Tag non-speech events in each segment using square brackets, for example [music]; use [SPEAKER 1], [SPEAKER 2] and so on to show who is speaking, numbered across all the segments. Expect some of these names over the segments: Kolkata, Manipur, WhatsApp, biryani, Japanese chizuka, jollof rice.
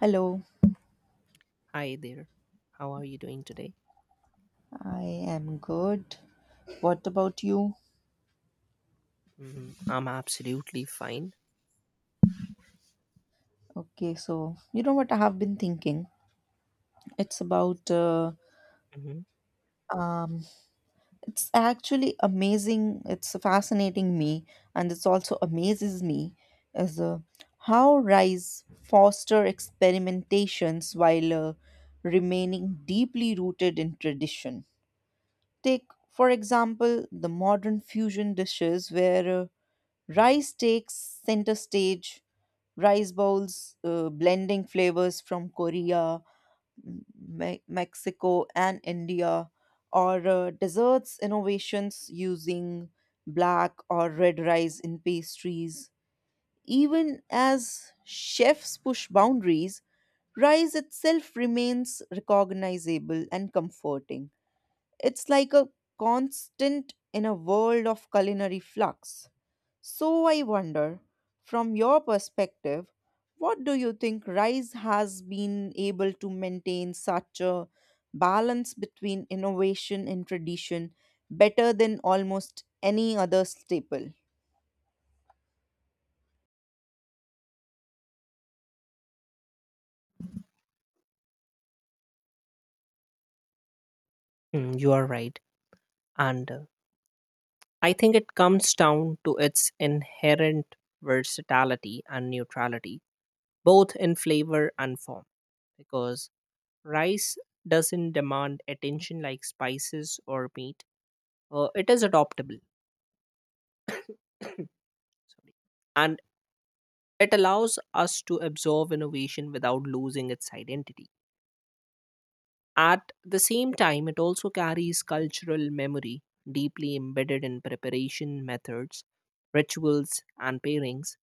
[SPEAKER 1] Hello,
[SPEAKER 2] Hi there. How are you doing today?
[SPEAKER 1] I am good. What about you?
[SPEAKER 2] Mhm. I'm absolutely fine.
[SPEAKER 1] Okay, so you know what I have been thinking? It's about,
[SPEAKER 2] Mhm.
[SPEAKER 1] um, it's actually amazing. It's fascinating me, and it's also amazes me as how rice foster experimentations while remaining deeply rooted in tradition. Take, for example, the modern fusion dishes where rice takes center stage rice bowls blending flavors from Korea, Mexico, and India, or desserts innovations using black or red rice in pastries. Even as chefs push boundaries, rice itself remains recognizable and comforting. It's like a constant in a world of culinary flux. So I wonder, from your perspective, what do you think rice has been able to maintain such a balance between innovation and tradition better than almost any other staple?
[SPEAKER 2] Mm, you are right. And I think it comes down to its inherent versatility and neutrality, both in flavor and form, because rice doesn't demand attention like spices or meat. It is adoptable. [coughs] [clears throat] Sorry. And it allows us to absorb innovation without losing its identity. At the same time, it also carries cultural memory deeply embedded in preparation methods, rituals, and pairings.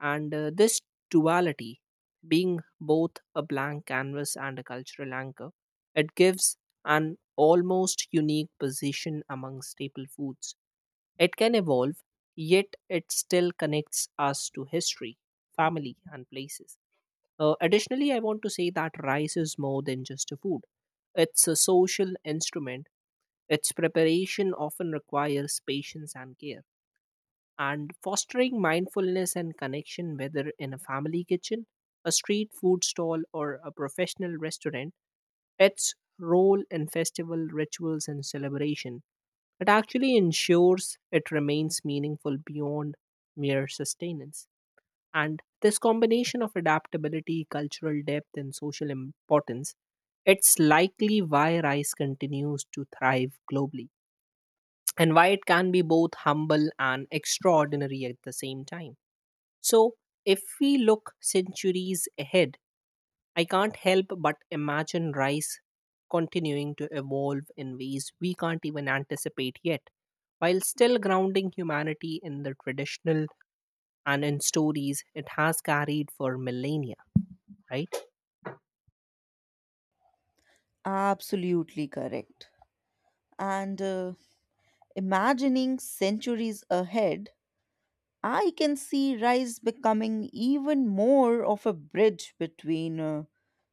[SPEAKER 2] And this duality, being both a blank canvas and a cultural anchor, it gives an almost unique position among staple foods. It can evolve, yet it still connects us to history, family, and places. Additionally, I want to say that rice is more than just a food. It's a social instrument. Its preparation often requires patience and care. And fostering mindfulness and connection, whether in a family kitchen, a street food stall, or a professional restaurant, its role in festival rituals and celebration. It actually ensures it remains meaningful beyond mere sustenance. And this combination of adaptability, cultural depth, and social importance, it's likely why rice continues to thrive globally and why it can be both humble and extraordinary at the same time. So, if we look centuries ahead, I can't help but imagine rice continuing to evolve in ways we can't even anticipate yet, while still grounding humanity in the traditional and in stories it has carried for millennia, right?
[SPEAKER 1] Absolutely correct. And imagining centuries ahead, I can see rice becoming even more of a bridge between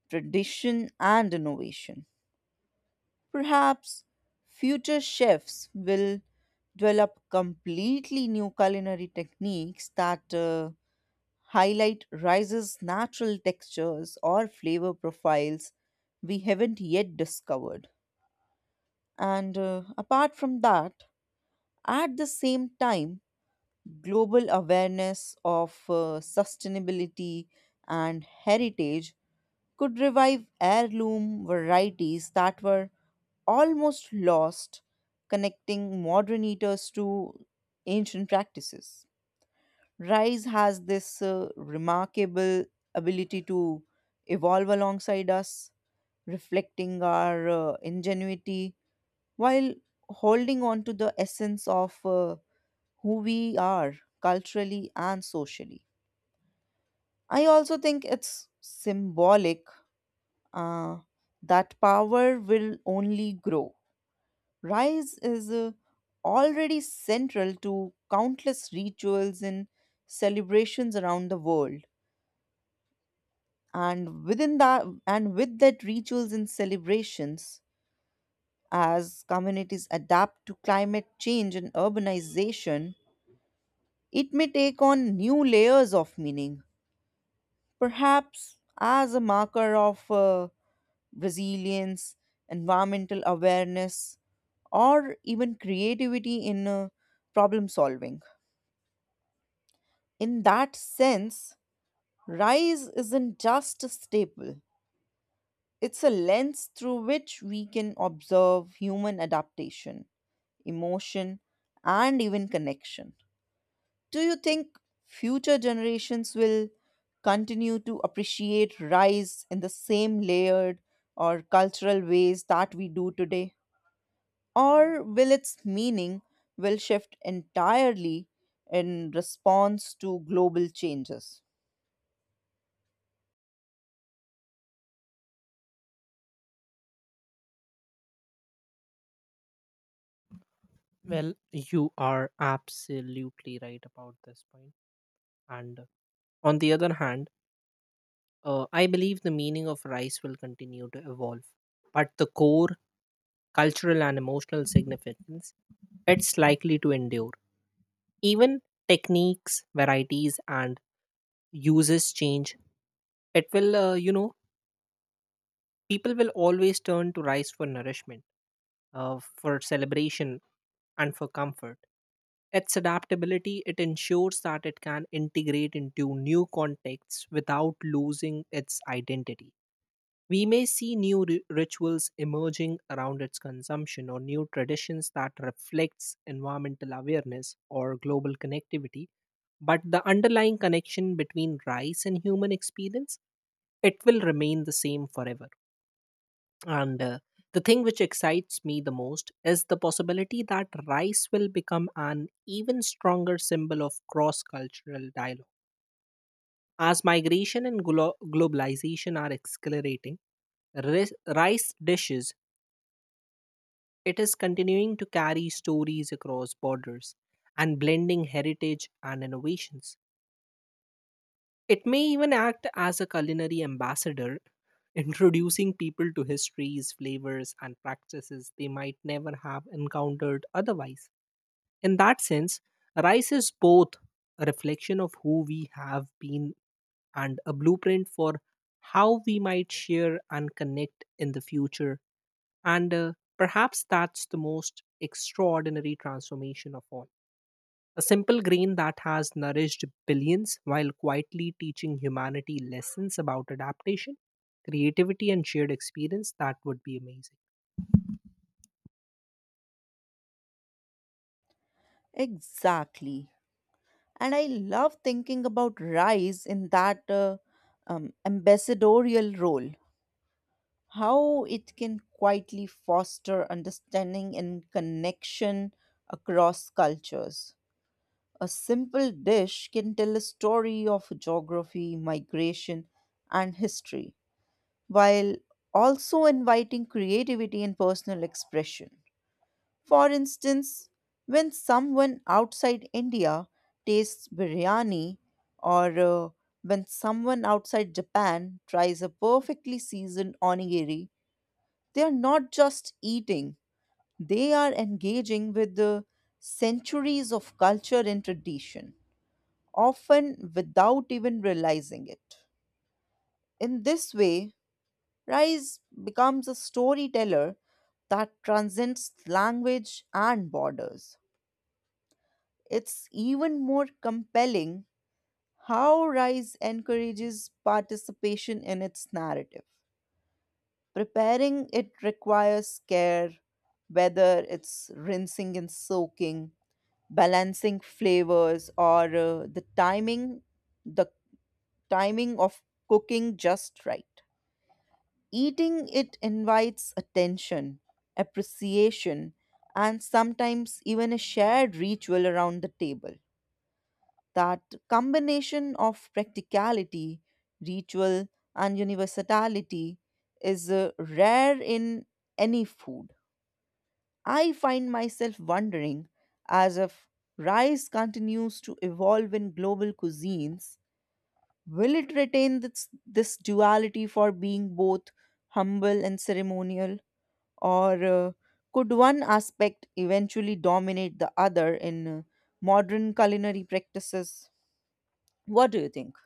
[SPEAKER 1] tradition and innovation. Perhaps future chefs will develop completely new culinary techniques that highlight rice's natural textures or flavor profiles we haven't yet discovered. And apart from that, at the same time, global awareness of sustainability and heritage could revive heirloom varieties that were almost lost, connecting modern eaters to ancient practices. Rice has this remarkable ability to evolve alongside us, reflecting our ingenuity while holding on to the essence of who we are culturally and socially. I also think it's symbolic uh, that power will only grow. Rise is already central to countless rituals and celebrations around the world. And with that, rituals and celebrations, as communities adapt to climate change and urbanization, it may take on new layers of meaning perhaps as a marker of resilience, environmental awareness, or even creativity in problem solving. In that sense, rise isn't just a staple, it's a lens through which we can observe human adaptation, emotion, and even connection. Do you think future generations will continue to appreciate rice in the same layered or cultural ways that we do today? Or will its meaning will shift entirely in response to global changes?
[SPEAKER 2] Well, you are absolutely right about this point. And on the other hand, I believe the meaning of rice will continue to evolve, but the core cultural and emotional significance it's likely to endure. Even techniques, varieties, and uses change. It will, people will always turn to rice for nourishment, for celebration, and for comfort. Its adaptability, it ensures that it can integrate into new contexts without losing its identity. We may see new rituals emerging around its consumption or new traditions that reflects environmental awareness or global connectivity, but the underlying connection between rice and human experience, it will remain the same forever. And the thing which excites me the most is the possibility that rice will become an even stronger symbol of cross cultural dialogue. As migration and globalization are accelerating, rice dishes, it is continuing to carry stories across borders and blending heritage and innovations. It may even act as a culinary ambassador, introducing people to histories, flavors, and practices they might never have encountered otherwise. In that sense, rice is both a reflection of who we have been and a blueprint for how we might share and connect in the future. And perhaps that's the most extraordinary transformation of all. A simple grain that has nourished billions while quietly teaching humanity lessons about adaptation, creativity, and shared experience, that would be amazing.
[SPEAKER 1] Exactly. And I love thinking about rice in that ambassadorial role how it can quietly foster understanding and connection across cultures. A simple dish can tell a story of geography, migration, and history, while also inviting creativity and personal expression. For instance, when someone outside India tastes biryani, or when someone outside Japan tries a perfectly seasoned onigiri, they are not just eating, they are engaging with the centuries of culture and tradition, often without even realizing it. In this way, rice becomes a storyteller that transcends language and borders. It's even more compelling how rice encourages participation in its narrative. Preparing it requires care, whether it's rinsing and soaking, balancing flavors, or the timing of cooking just right. Eating it invites attention, appreciation, and sometimes even a shared ritual around the table. That combination of practicality, ritual, and universality is rare in any food. I find myself wondering as if rice continues to evolve in global cuisines, will it retain this duality for being both humble and ceremonial? Or could one aspect eventually dominate the other in modern culinary practices? What do you think?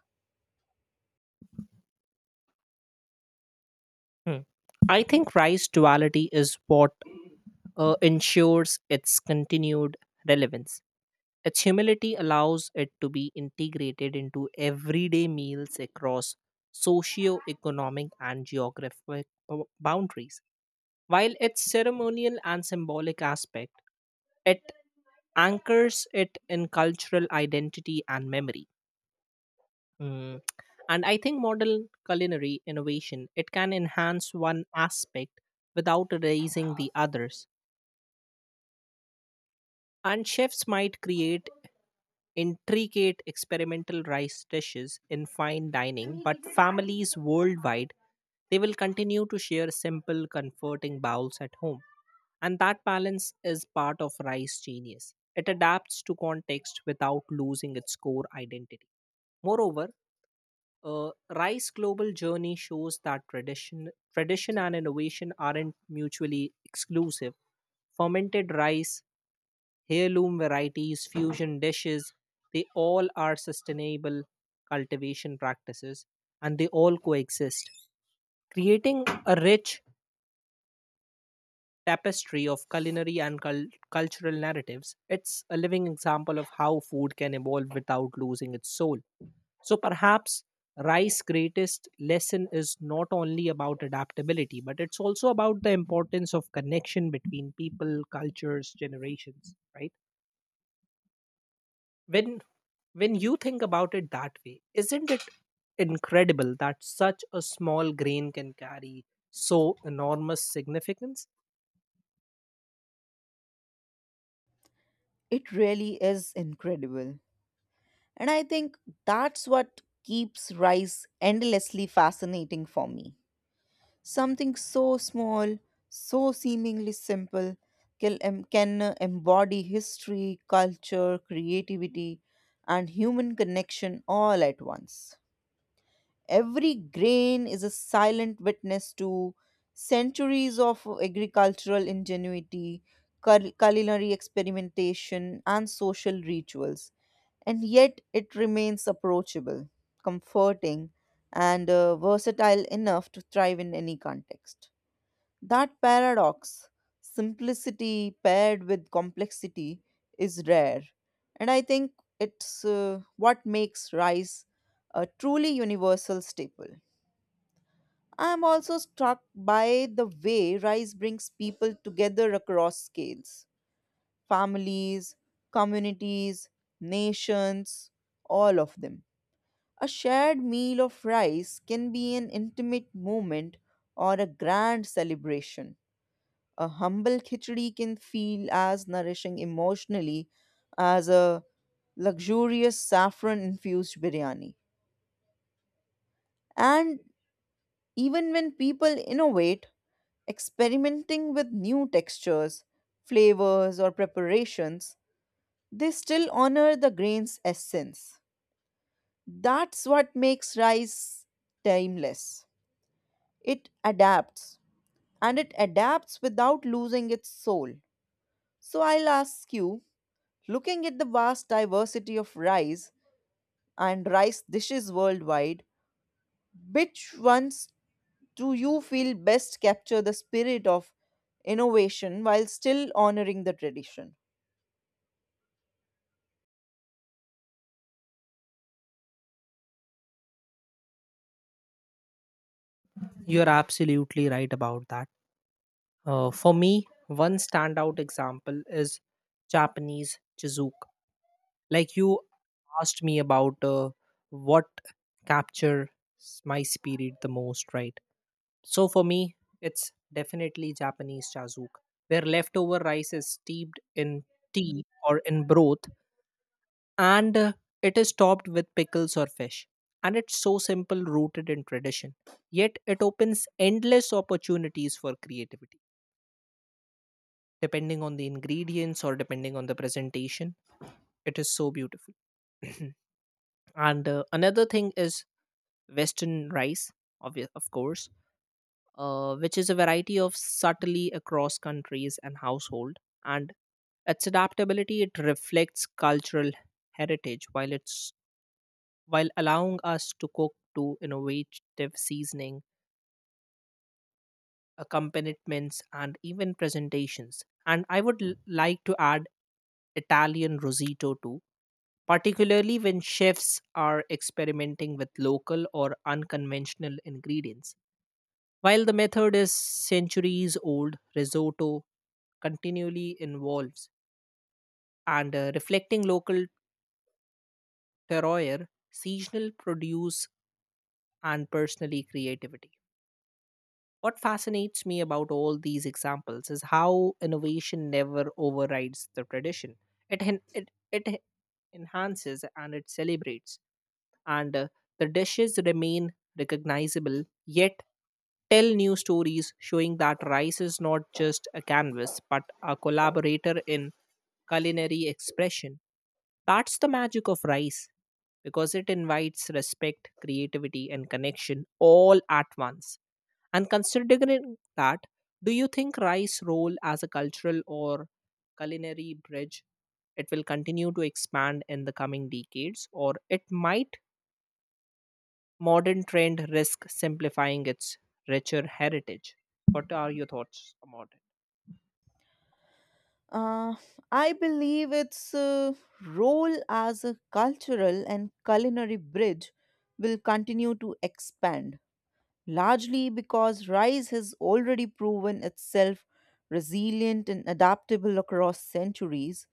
[SPEAKER 2] Hmm. I think rice duality is what ensures its continued relevance. Its humility allows it to be integrated into everyday meals across socio-economic and geographic boundaries. While its ceremonial and symbolic aspect, it anchors it in cultural identity and memory. Mm. And I think modern culinary innovation it can enhance one aspect without erasing the others. And chefs might create intricate experimental rice dishes in fine dining, but families worldwide they will continue to share simple, comforting bowls at home. And that balance is part of rice genius. It adapts to context without losing its core identity. Moreover, Rice Global Journey shows that tradition and innovation aren't mutually exclusive. Fermented rice, heirloom varieties, fusion dishes, they all are sustainable cultivation practices and they all coexist, creating a rich tapestry of culinary and cultural narratives. It's a living example of how food can evolve without losing its soul. So perhaps Rice's greatest lesson is not only about adaptability, but it's also about the importance of connection between people, cultures, generations, right? When when you think about it that way, isn't it incredible that such a small grain can carry so enormous significance?
[SPEAKER 1] It really is incredible. And I think that's what keeps rice endlessly fascinating for me. Something so small, so seemingly simple, can embody history, culture, creativity, and human connection all at once. Every grain is a silent witness to centuries of agricultural ingenuity, culinary experimentation, and social rituals and yet it remains approachable, comforting, and versatile enough to thrive in any context. That paradox, simplicity paired with complexity, is rare. And I think it's what makes rice a truly universal staple. I'm also struck by the way rice brings people together across scales families, communities, nations, all of them. A shared meal of rice can be an intimate moment or a grand celebration a humble khichdi can feel as nourishing emotionally as a luxurious saffron infused biryani. And even when people innovate, experimenting with new textures, flavors, or preparations, they still honor the grain's essence. That's what makes rice timeless. It adapts, and it adapts without losing its soul. So I'll ask you, looking at the vast diversity of rice and rice dishes worldwide, which ones do you feel best capture the spirit of innovation while still honoring the tradition?
[SPEAKER 2] You're absolutely right about that. For me, one standout example is Japanese chizuka. Like you asked me about what captures my spirit the most, right? So for me, it's definitely Japanese chazuk, where leftover rice is steeped in tea or in broth and it is topped with pickles or fish. And it's so simple, rooted in tradition. Yet it opens endless opportunities for creativity, depending on the ingredients or depending on the presentation. It is so beautiful. [clears throat] And another thing is western rice, of course, which is a variety of subtly across countries and household, and its adaptability it reflects cultural heritage while it's while allowing us to cook to innovative seasoning accompaniments and even presentations. And I would like to add Italian risotto too, particularly when chefs are experimenting with local or unconventional ingredients. While the method is centuries old, risotto continually evolves and reflecting local terroir, seasonal produce, and personally creativity. What fascinates me about all these examples is how innovation never overrides the tradition. It enhances and it celebrates and the dishes remain recognizable yet tell new stories, showing that rice is not just a canvas but a collaborator in culinary expression. That's the magic of rice because it invites respect, creativity, and connection all at once. And considering that, do you think rice role as a cultural or culinary bridge it will continue to expand in the coming decades, or it might modern trend risk simplifying its richer heritage? What are your thoughts about it?
[SPEAKER 1] Uh, I believe its role as a cultural and culinary bridge will continue to expand, largely because rice has already proven itself resilient and adaptable across centuries.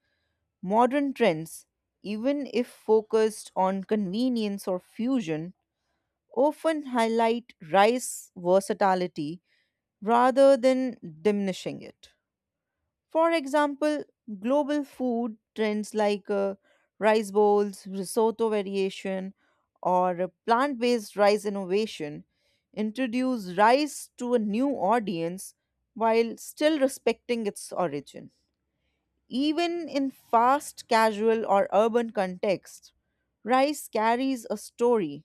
[SPEAKER 1] Modern trends, even if focused on convenience or fusion, often highlight rice versatility rather than diminishing it. For example, global food trends like rice bowls, risotto variation, or plant based rice innovation introduce rice to a new audience while still respecting its origin. Even in fast, casual, or urban contexts, rice carries a story.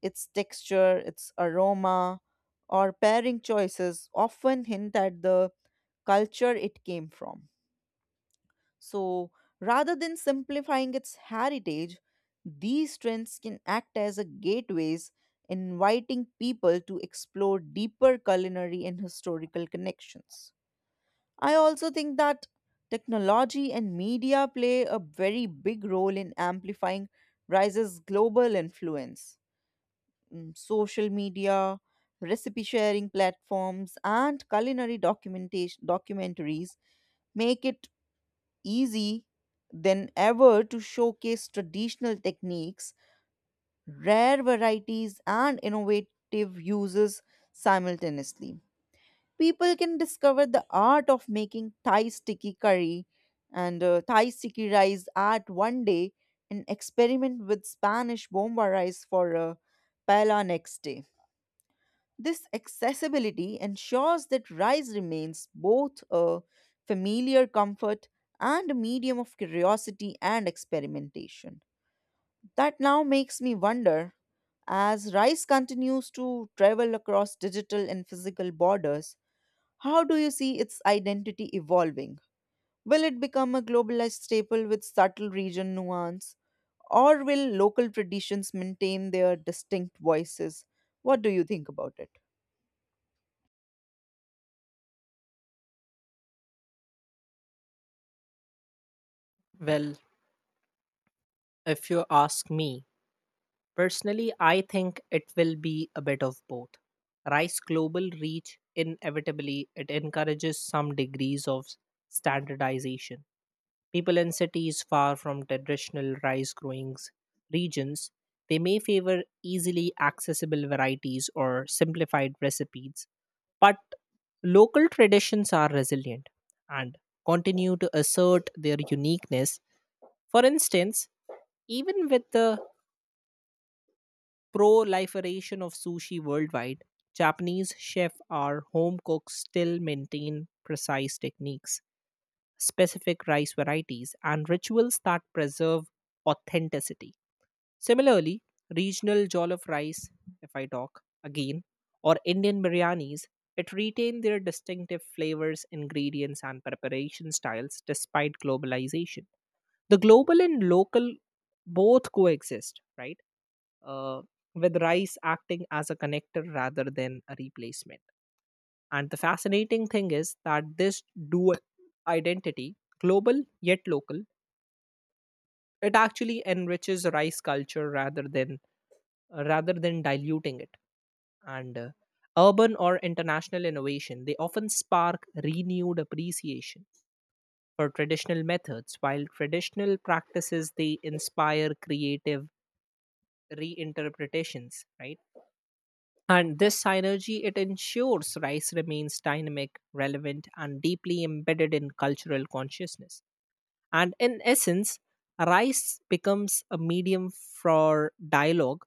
[SPEAKER 1] Its texture, its aroma, or pairing choices often hint at the culture it came from. So, rather than simplifying its heritage, these trends can act as a gateways inviting people to explore deeper culinary and historical connections. I also think that technology and media play a very big role in amplifying Rise's global influence. Mm, social media, recipe sharing platforms, and culinary documentation documentaries make it easy than ever to showcase traditional techniques, rare varieties, and innovative uses simultaneously people can discover the art of making Thai sticky curry and Thai sticky rice art one day and experiment with Spanish bomba rice for paella next day. This accessibility ensures that rice remains both a familiar comfort and a medium of curiosity and experimentation. That now makes me wonder as rice continues to travel across digital and physical borders how do you see its identity evolving? Will it become a globalized staple with subtle region nuance? Or will local traditions maintain their distinct voices? What do you think about it?
[SPEAKER 2] Well, if you ask me, personally, I think it will be a bit of both. Rice global reach inevitably it encourages some degrees of standardization. People in cities far from traditional rice growing regions, they may favor easily accessible varieties or simplified recipes. But local traditions are resilient and continue to assert their uniqueness. For instance, even with the proliferation of sushi worldwide, Japanese chefs or home cooks still maintain precise techniques, specific rice varieties, and rituals that preserve authenticity. Similarly, regional jollof rice, if I talk again, or Indian biryanis, it retained their distinctive flavors, ingredients, and preparation styles despite globalization. The global and local both coexist, right? Uh, with rice acting as a connector rather than a replacement. And the fascinating thing is that this dual identity, global yet local, it actually enriches rice culture rather than diluting it. And urban or international innovation, they often spark renewed appreciation for traditional methods, while traditional practices they inspire creative reinterpretations, right? And this synergy it ensures rice remains dynamic, relevant, and deeply embedded in cultural consciousness. And in essence, rice becomes a medium for dialogue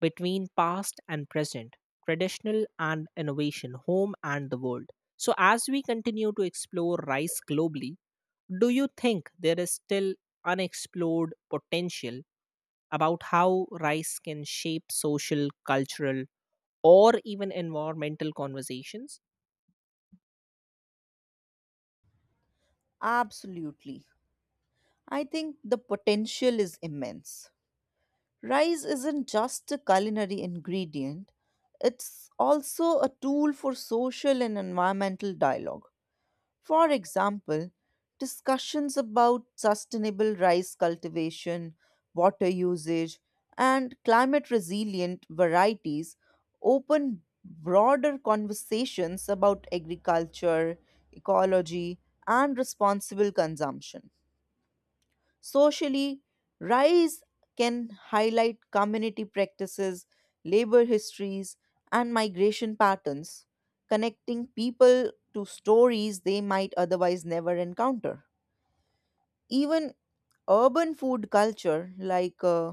[SPEAKER 2] between past and present, traditional and innovation, home and the world. So, as we continue to explore rice globally, do you think there is still unexplored potential about how rice can shape social, cultural, or even environmental conversations?
[SPEAKER 1] Absolutely. I think the potential is immense. Rice isn't just a culinary ingredient, it's also a tool for social and environmental dialogue. For example, discussions about sustainable rice cultivation, water usage, and climate resilient varieties open broader conversations about agriculture, ecology, and responsible consumption. Socially, rise can highlight community practices, labor histories, and migration patterns, connecting people to stories they might otherwise never encounter. Even urban food culture, like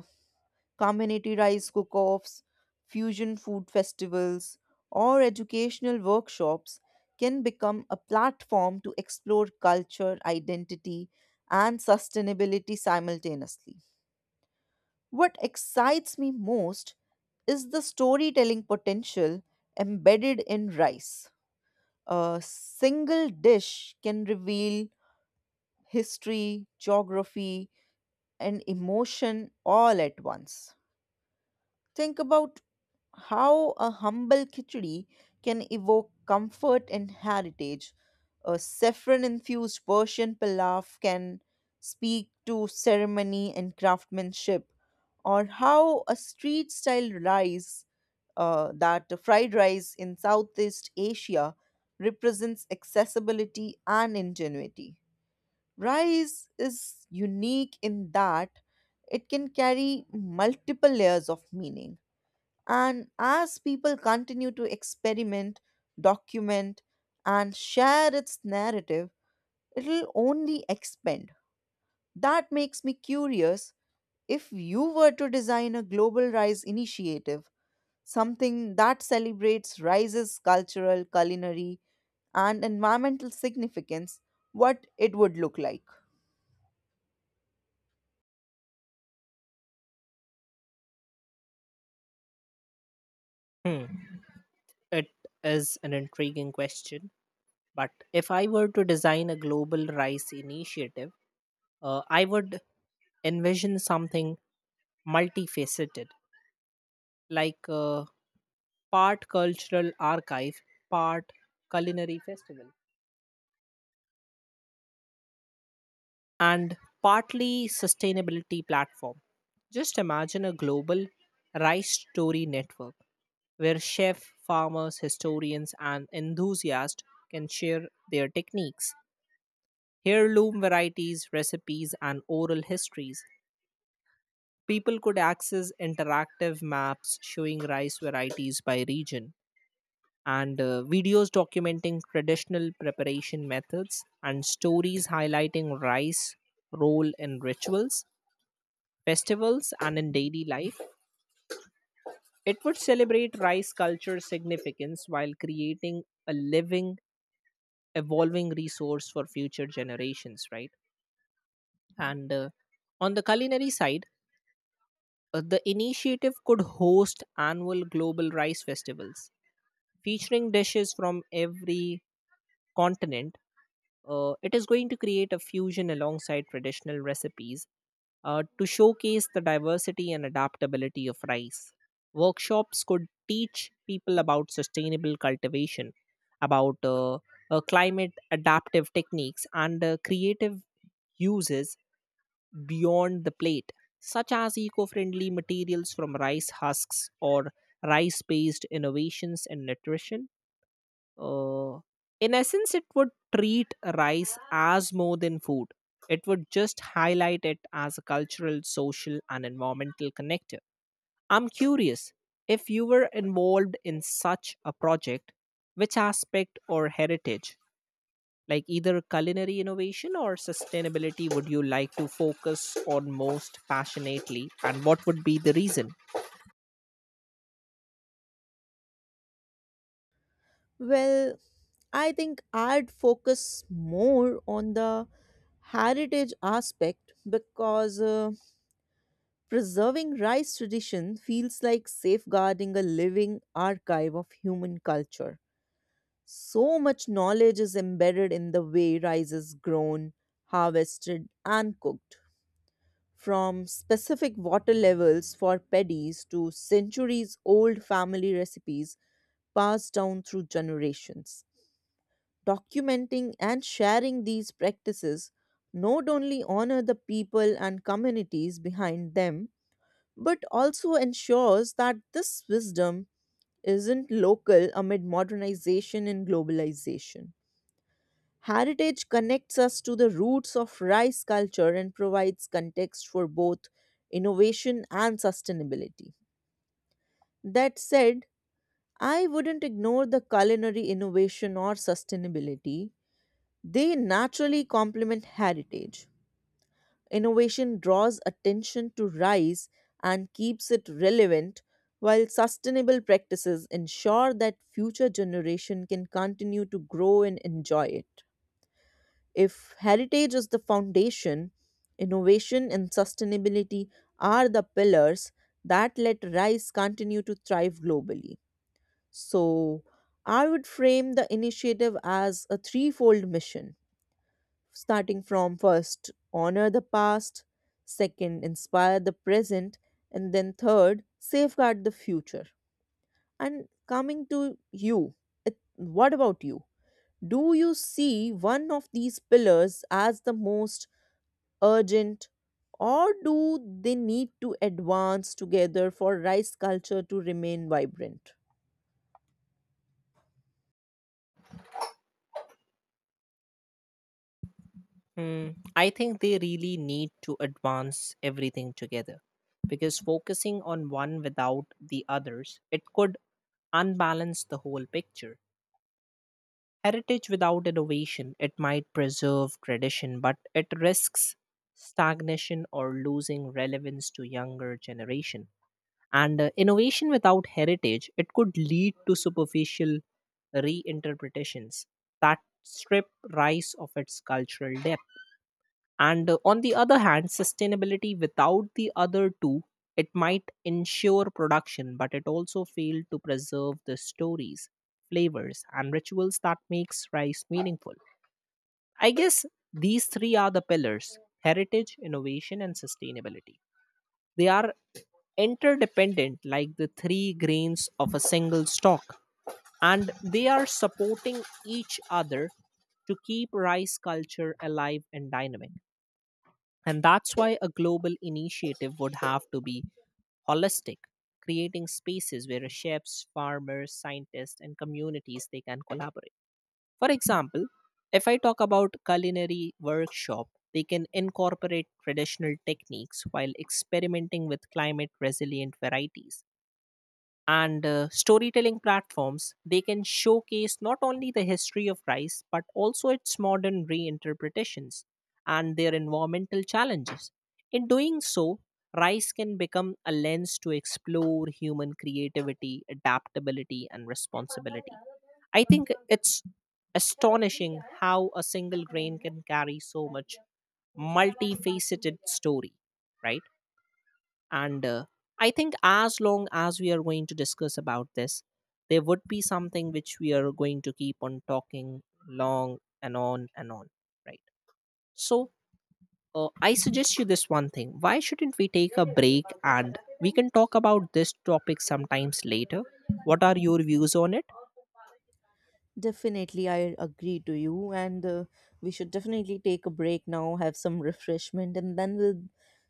[SPEAKER 1] community rice cook offs, fusion food festivals, or educational workshops, can become a platform to explore culture, identity, and sustainability simultaneously. What excites me most is the storytelling potential embedded in rice. A single dish can reveal history, geography, and emotion all at once. Think about how a humble khichdi can evoke comfort and heritage. A saffron infused Persian pilaf can speak to ceremony and craftsmanship, or how a street style rice, that fried rice in Southeast Asia, represents accessibility and ingenuity. Rice is unique in that it can carry multiple layers of meaning and as people continue to experiment, document, and share its narrative, it'll only expand. That makes me curious if you were to design a global rise initiative, something that celebrates rise's cultural, culinary, and environmental significance, what it would look like.
[SPEAKER 2] Hmm. It is an intriguing question. But if I were to design a global rice initiative, I would envision something multifaceted, like part cultural archive, part culinary festival, and partly sustainability platform. Just imagine a global rice story network where chefs, farmers, historians, and enthusiasts can share their techniques, heirloom varieties, recipes, and oral histories. People could access interactive maps showing rice varieties by region and videos documenting traditional preparation methods and stories highlighting rice role in rituals, festivals, and in daily life. It would celebrate rice culture significance while creating a living, evolving resource for future generations, right? And on the culinary side, the initiative could host annual global rice festivals featuring dishes from every continent. It is going to create a fusion alongside traditional recipes to showcase the diversity and adaptability of rice. Workshops could teach people about sustainable cultivation, about climate adaptive techniques, and creative uses beyond the plate, such as eco friendly materials from rice husks or rice based innovations in nutrition. Uh, in essence, it would treat rice as more than food. It would just highlight it as a cultural, social, and environmental connector. I'm curious, if you were involved in such a project, which aspect or heritage, like either culinary innovation or sustainability, would you like to focus on most passionately, and what would be the reason?
[SPEAKER 1] Well, I think I'd focus more on the heritage aspect because preserving rice tradition feels like safeguarding a living archive of human culture. So much knowledge is embedded in the way rice is grown, harvested, and cooked. From specific water levels for paddies to centuries old family recipes passed down through generations. Documenting and sharing these practices not only honor the people and communities behind them, but also ensures that this wisdom isn't local amid modernization and globalization. Heritage connects us to the roots of rice culture and provides context for both innovation and sustainability. That said, I wouldn't ignore the culinary innovation or sustainability. They naturally complement heritage. Innovation draws attention to rice and keeps it relevant, while sustainable practices ensure that future generation can continue to grow and enjoy it. If heritage is the foundation, innovation and sustainability are the pillars that let rice continue to thrive globally. So, I would frame the initiative as a threefold mission starting from first honor the past, second inspire the present, and then third safeguard the future. And coming to you, it, what about you, do you see one of these pillars as the most urgent, or do they need to advance together for rice culture to remain vibrant?
[SPEAKER 2] Mm, I think they really need to advance everything together because focusing on one without the others, it could unbalance the whole picture. Heritage without innovation, it might preserve tradition, but it risks stagnation or losing relevance to younger generation. And innovation without heritage, it could lead to superficial reinterpretations that strip rice of its cultural depth. And on the other hand, sustainability without the other two, it might ensure production, but it also failed to preserve the stories, flavors, and rituals that makes rice meaningful. I guess these three are the pillars: heritage, innovation, and sustainability. They are interdependent, like the three grains of a single stalk, and they are supporting each other to keep rice culture alive and dynamic. And that's why a global initiative would have to be holistic, creating spaces where chefs, farmers, scientists, and communities they can collaborate. For example, if I talk about culinary workshop, they can incorporate traditional techniques while experimenting with climate resilient varieties and storytelling platforms they can showcase not only the history of rice but also its modern reinterpretations and their environmental challenges. In doing so, rice can become a lens to explore human creativity, adaptability, and responsibility. I think it's astonishing how a single grain can carry so much multifaceted story, right? And I think, as long as we are going to discuss about this, there would be something which we are going to keep on talking long and on and on, right? So, I suggest you this one thing, why shouldn't we take a break and we can talk about this topic sometimes later? What are your views on it?
[SPEAKER 1] Definitely, I agree to you, and we should definitely take a break now, have some refreshment, and then we'll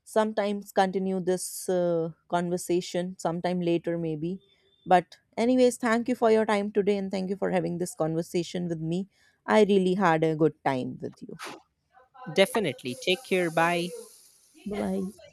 [SPEAKER 1] sometimes continue this conversation sometime later, maybe. But, anyways, thank you for your time today, and thank you for having this conversation with me. I really had a good time with you.
[SPEAKER 2] Definitely, take care. Bye.
[SPEAKER 1] Bye bye.